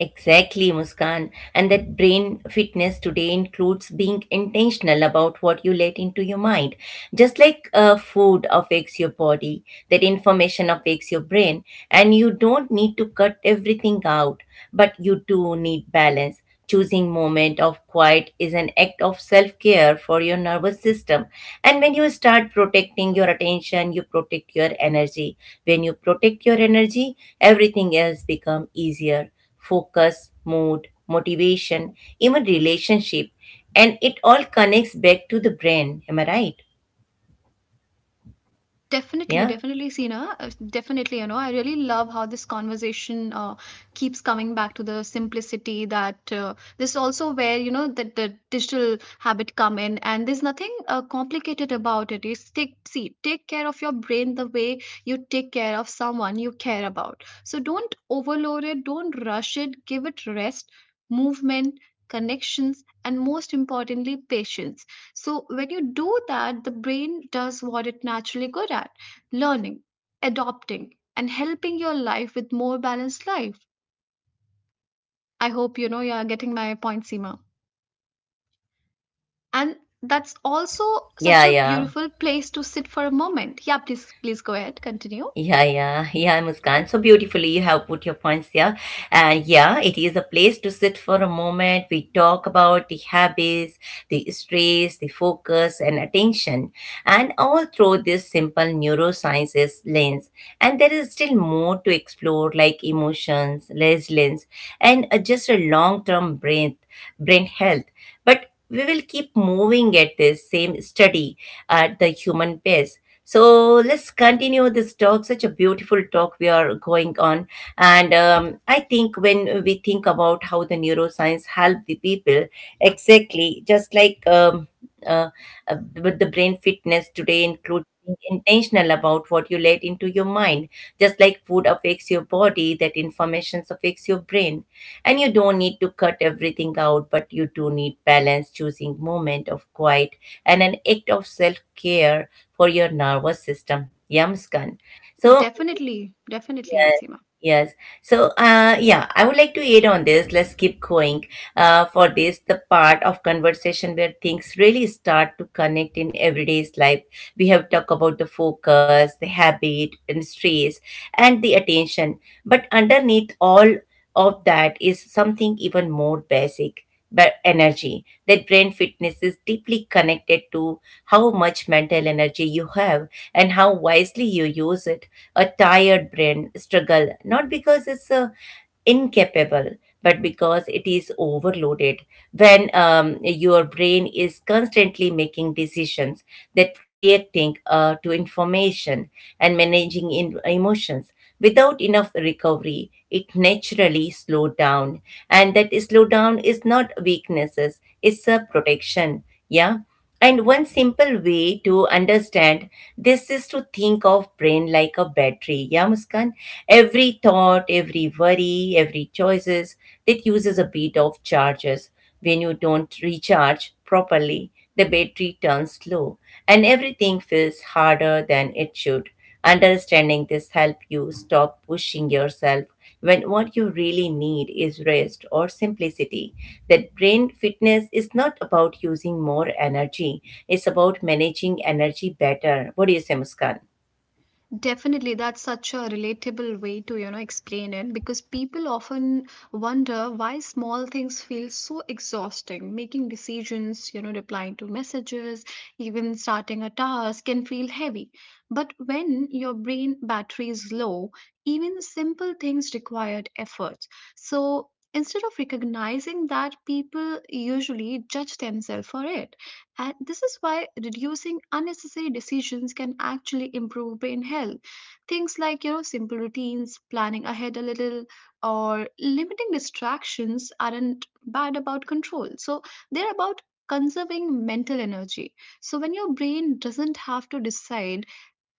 Speaker 1: Exactly, Muskan. And that brain fitness today includes being intentional about what you let into your mind. Just like uh, food affects your body, that information affects your brain. And you don't need to cut everything out, but you do need balance. Choosing moment of quiet is an act of self-care for your nervous system. And when you start protecting your attention, you protect your energy. When you protect your energy, everything else become easier: focus, mood, motivation, even relationship. And it all connects back to the brain. Am I right?
Speaker 2: Definitely,
Speaker 1: Yeah.
Speaker 2: definitely, Sina. Uh, Definitely, you know, I really love how this conversation uh, keeps coming back to the simplicity, that uh, this is also where, you know, that the digital habit come in, and there's nothing uh, complicated about it. You take, see, take care of your brain the way you take care of someone you care about. So don't overload it, don't rush it, give it rest, movement, connections, and most importantly, patience. So when you do that, the brain does what it naturally good at: learning, adopting, and helping your life with more balanced life. I hope you know you are getting my point, Seema. And that's also such
Speaker 1: Yeah,
Speaker 2: a
Speaker 1: yeah.
Speaker 2: beautiful place to sit for a moment. Yeah, please, please go ahead, continue.
Speaker 1: Yeah, yeah, yeah, Muskan. So beautifully you have put your points there. And yeah, it is a place to sit for a moment. We talk about the habits, the stress, the focus, and attention, and all through this simple neurosciences lens. And there is still more to explore, like emotions, resilience, and uh, just a long-term brain brain health, but we will keep moving at this same study at the human pace. So let's continue this talk. Such a beautiful talk we are going on, and um, I think when we think about how the neuroscience help the people, exactly just like um, uh, uh, with the brain fitness today includes being intentional about what you let into your mind. Just like food affects your body, that information affects your brain, and you don't need to cut everything out, but you do need balance, choosing moment of quiet and an act of self care for your nervous system. Yamskan. So
Speaker 2: Definitely, definitely,
Speaker 1: yes,
Speaker 2: Asima.
Speaker 1: yes. So, uh, yeah, I would like to add on this. Let's keep going. Uh, for this, the part of conversation where things really start to connect in everyday's life. We have talked about the focus, the habit, and stress, and the attention. But underneath all of that is something even more basic, but energy, that brain fitness is deeply connected to how much mental energy you have and how wisely you use it. A tired brain struggle not because it's a incapable but because it is overloaded. When um, your brain is constantly making decisions, that reacting uh, to information and managing in- emotions without enough recovery, it naturally slowed down. And that slowdown is not weaknesses, it's a protection. Yeah. And one simple way to understand this is to think of brain like a battery. Yeah, Muskan? Every thought, every worry, every choices, that uses a bit of charges. When you don't recharge properly, the battery turns low and everything feels harder than it should. Understanding this help you stop pushing yourself when what you really need is rest or simplicity. That brain fitness is not about using more energy, it's about managing energy better. What do you say, Muskan?
Speaker 2: Definitely, that's such a relatable way to, you know, explain it, because people often wonder why small things feel so exhausting. Making decisions, you know, replying to messages, even starting a task can feel heavy. But when your brain battery is low, even simple things required effort. So instead of recognizing that, people usually judge themselves for it. And this is why reducing unnecessary decisions can actually improve brain health. Things like, you know, simple routines, planning ahead a little, or limiting distractions aren't bad about control. So they're about conserving mental energy. So when your brain doesn't have to decide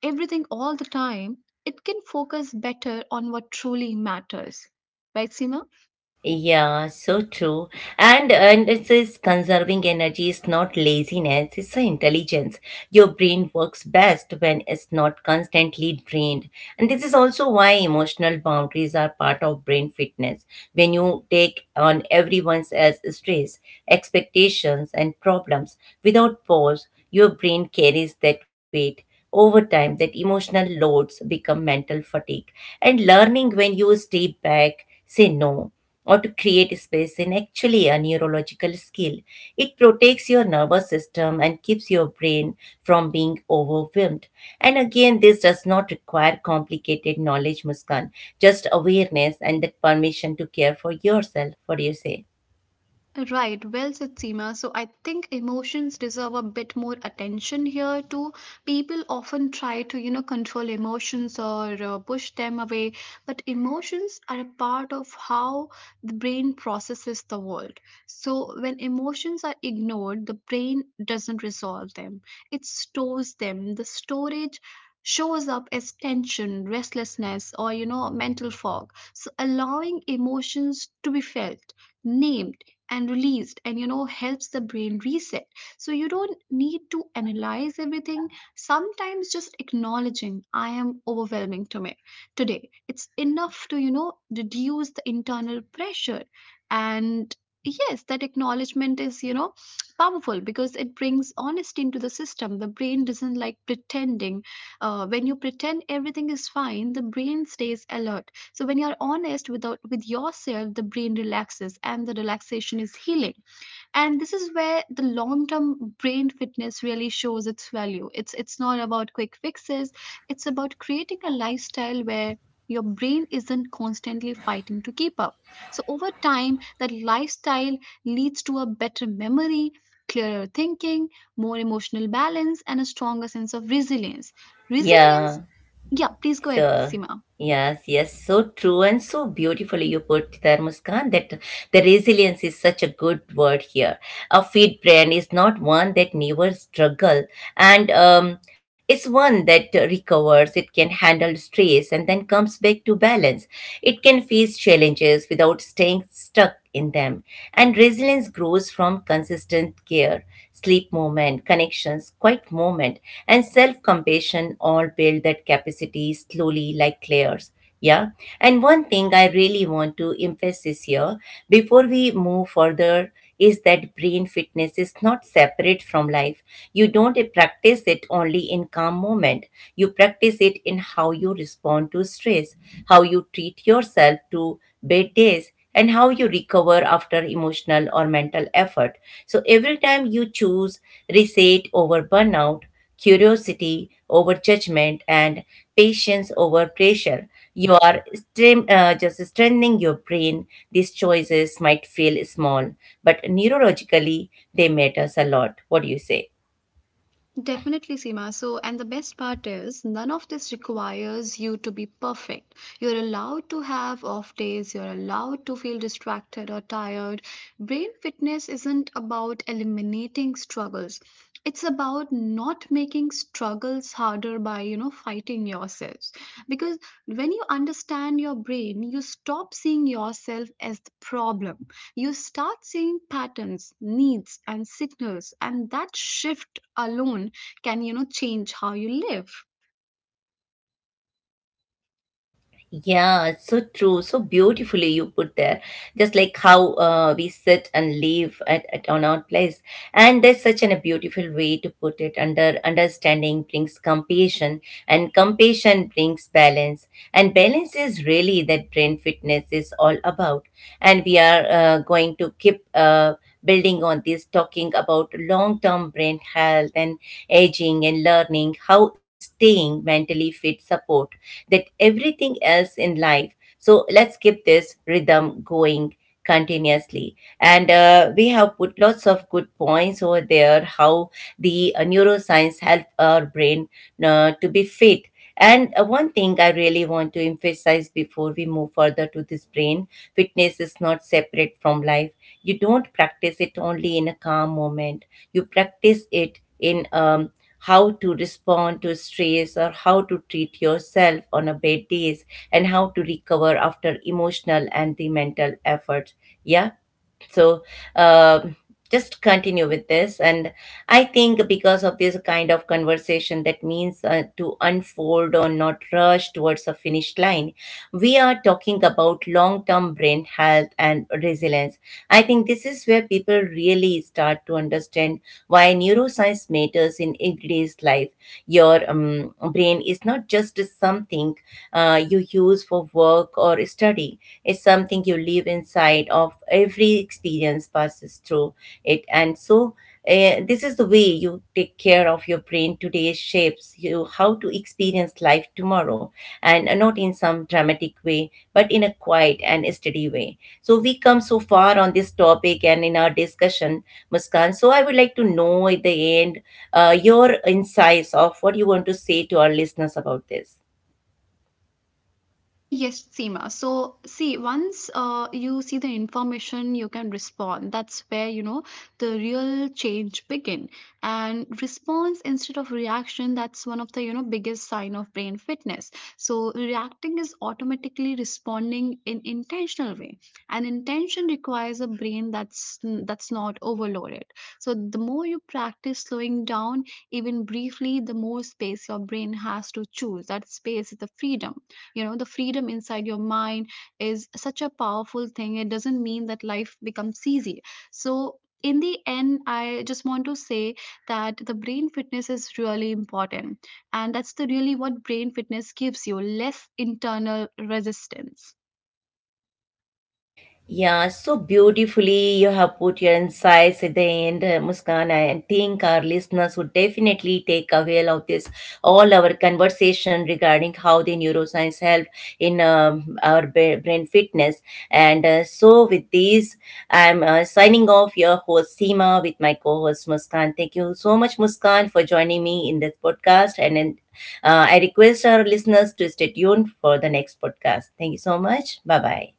Speaker 2: everything all the time, it can focus better on what truly matters. Right, Seema?
Speaker 1: Yeah, so true. And and it says conserving energy is not laziness, it's a intelligence. Your brain works best when it's not constantly drained. And this is also why emotional boundaries are part of brain fitness. When you take on everyone's as stress, expectations and problems without pause, your brain carries that weight. Over time, that emotional loads become mental fatigue. And learning when you stay back, say no, or to create space is actually a neurological skill. It protects your nervous system and keeps your brain from being overwhelmed. And again, this does not require complicated knowledge, Muskan, just awareness and that permission to care for yourself. What do you say?
Speaker 2: Right, well said, Seema. So I think emotions deserve a bit more attention here too. People often try to, you know, control emotions or uh, push them away, but emotions are a part of how the brain processes the world. So when emotions are ignored, the brain doesn't resolve them, it stores them. The storage shows up as tension, restlessness, or, you know, mental fog. So allowing emotions to be felt, named, and released and you know helps the brain reset, so you don't need to analyze everything. Sometimes just acknowledging I am overwhelming to me today, it's enough to you know reduce the internal pressure. And yes, that acknowledgement is you know powerful, because it brings honesty into the system. The brain doesn't like pretending. Uh, when you pretend everything is fine, the brain stays alert. So when you're honest without with yourself, the brain relaxes, and the relaxation is healing. And this is where the long term brain fitness really shows its value. It's it's not about quick fixes, it's about creating a lifestyle where your brain isn't constantly fighting to keep up. So over time, that lifestyle leads to a better memory, clearer thinking, more emotional balance, and a stronger sense of resilience.
Speaker 1: Yeah.
Speaker 2: Resilience, yeah, please go ahead,
Speaker 1: So
Speaker 2: Sima.
Speaker 1: yes, yes, so true, and so beautifully you put there, Muskan. That the resilience is such a good word here. A fit brain is not one that never struggle, and um, it's one that recovers. It can handle stress and then comes back to balance. It can face challenges without staying stuck in them. And resilience grows from consistent care, sleep moment, connections, quiet moment, and self compassion all build that capacity slowly like layers. Yeah. And one thing I really want to emphasize here before we move further is that brain fitness is not separate from life. You don't practice it only in calm moment. You practice it in how you respond to stress, how you treat yourself to bad days, and how you recover after emotional or mental effort. So every time you choose reset over burnout, curiosity over judgment, and patience over pressure, you are stre- uh, just strengthening your brain. These choices might feel small, but neurologically, they matters a lot. What do you say?
Speaker 2: Definitely, Seema. So, and the best part is, none of this requires you to be perfect. You're allowed to have off days, you're allowed to feel distracted or tired. Brain fitness isn't about eliminating struggles, it's about not making struggles harder by you know fighting yourselves. Because when you understand your brain, you stop seeing yourself as the problem. You start seeing patterns, needs, and signals, and that shift alone can, you know change how you live.
Speaker 1: Yeah, it's so true. So beautifully you put there. Just like how uh, we sit and live at, at on our place. And there's such an, a beautiful way to put it. Under understanding brings compassion, and compassion brings balance. And balance is really that brain fitness is all about. And we are uh, going to keep. Uh, building on this, talking about long term brain health and aging and learning how staying mentally fit support that everything else in life. So let's keep this rhythm going continuously, and uh, we have put lots of good points over there how the uh, neuroscience help our brain uh, to be fit, and uh, one thing I really want to emphasize before we move further to this brain fitness is not separate from life. You don't practice it only in a calm moment, you practice it in um, how to respond to stress, or how to treat yourself on a bad days, and how to recover after emotional and the mental effort. Yeah. So um just continue with this. And I think because of this kind of conversation that means uh, to unfold or not rush towards a finish line, we are talking about long term brain health and resilience. I think this is where people really start to understand why neuroscience matters in everyday's life. Your um, brain is not just something uh, you use for work or study study. It's something you live inside of. Every experience passes through it. And so, uh, this is the way you take care of your brain today shapes you how to experience life tomorrow, and not in some dramatic way, but in a quiet and steady way. So we come so far on this topic and in our discussion, Muskan. So I would like to know at the end, uh, your insights of what you want to say to our listeners about this.
Speaker 2: Uh, Yes, Seema. So, see, once uh, you see the information, you can respond. That's where, you know, the real change begin. And response instead of reaction, that's one of the, you know, biggest sign of brain fitness. So, reacting is automatically responding in intentional way. And intention requires a brain that's that's not overloaded. So, the more you practice slowing down, even briefly, the more space your brain has to choose. That space is the freedom. you know the freedom inside your mind is such a powerful thing. It doesn't mean that life becomes easy. So in the end, I just want to say that the brain fitness is really important, and that's the really what brain fitness gives you: less internal resistance.
Speaker 1: Yeah, so beautifully you have put your insights at the end, uh, Muskan. I think our listeners would definitely take away of this all our conversation regarding how the neuroscience help in um, our ba- brain fitness. And uh, so, with this, I'm uh, signing off. Your host Seema with my co-host Muskan. Thank you so much, Muskan, for joining me in this podcast. And, and uh, I request our listeners to stay tuned for the next podcast. Thank you so much. Bye bye.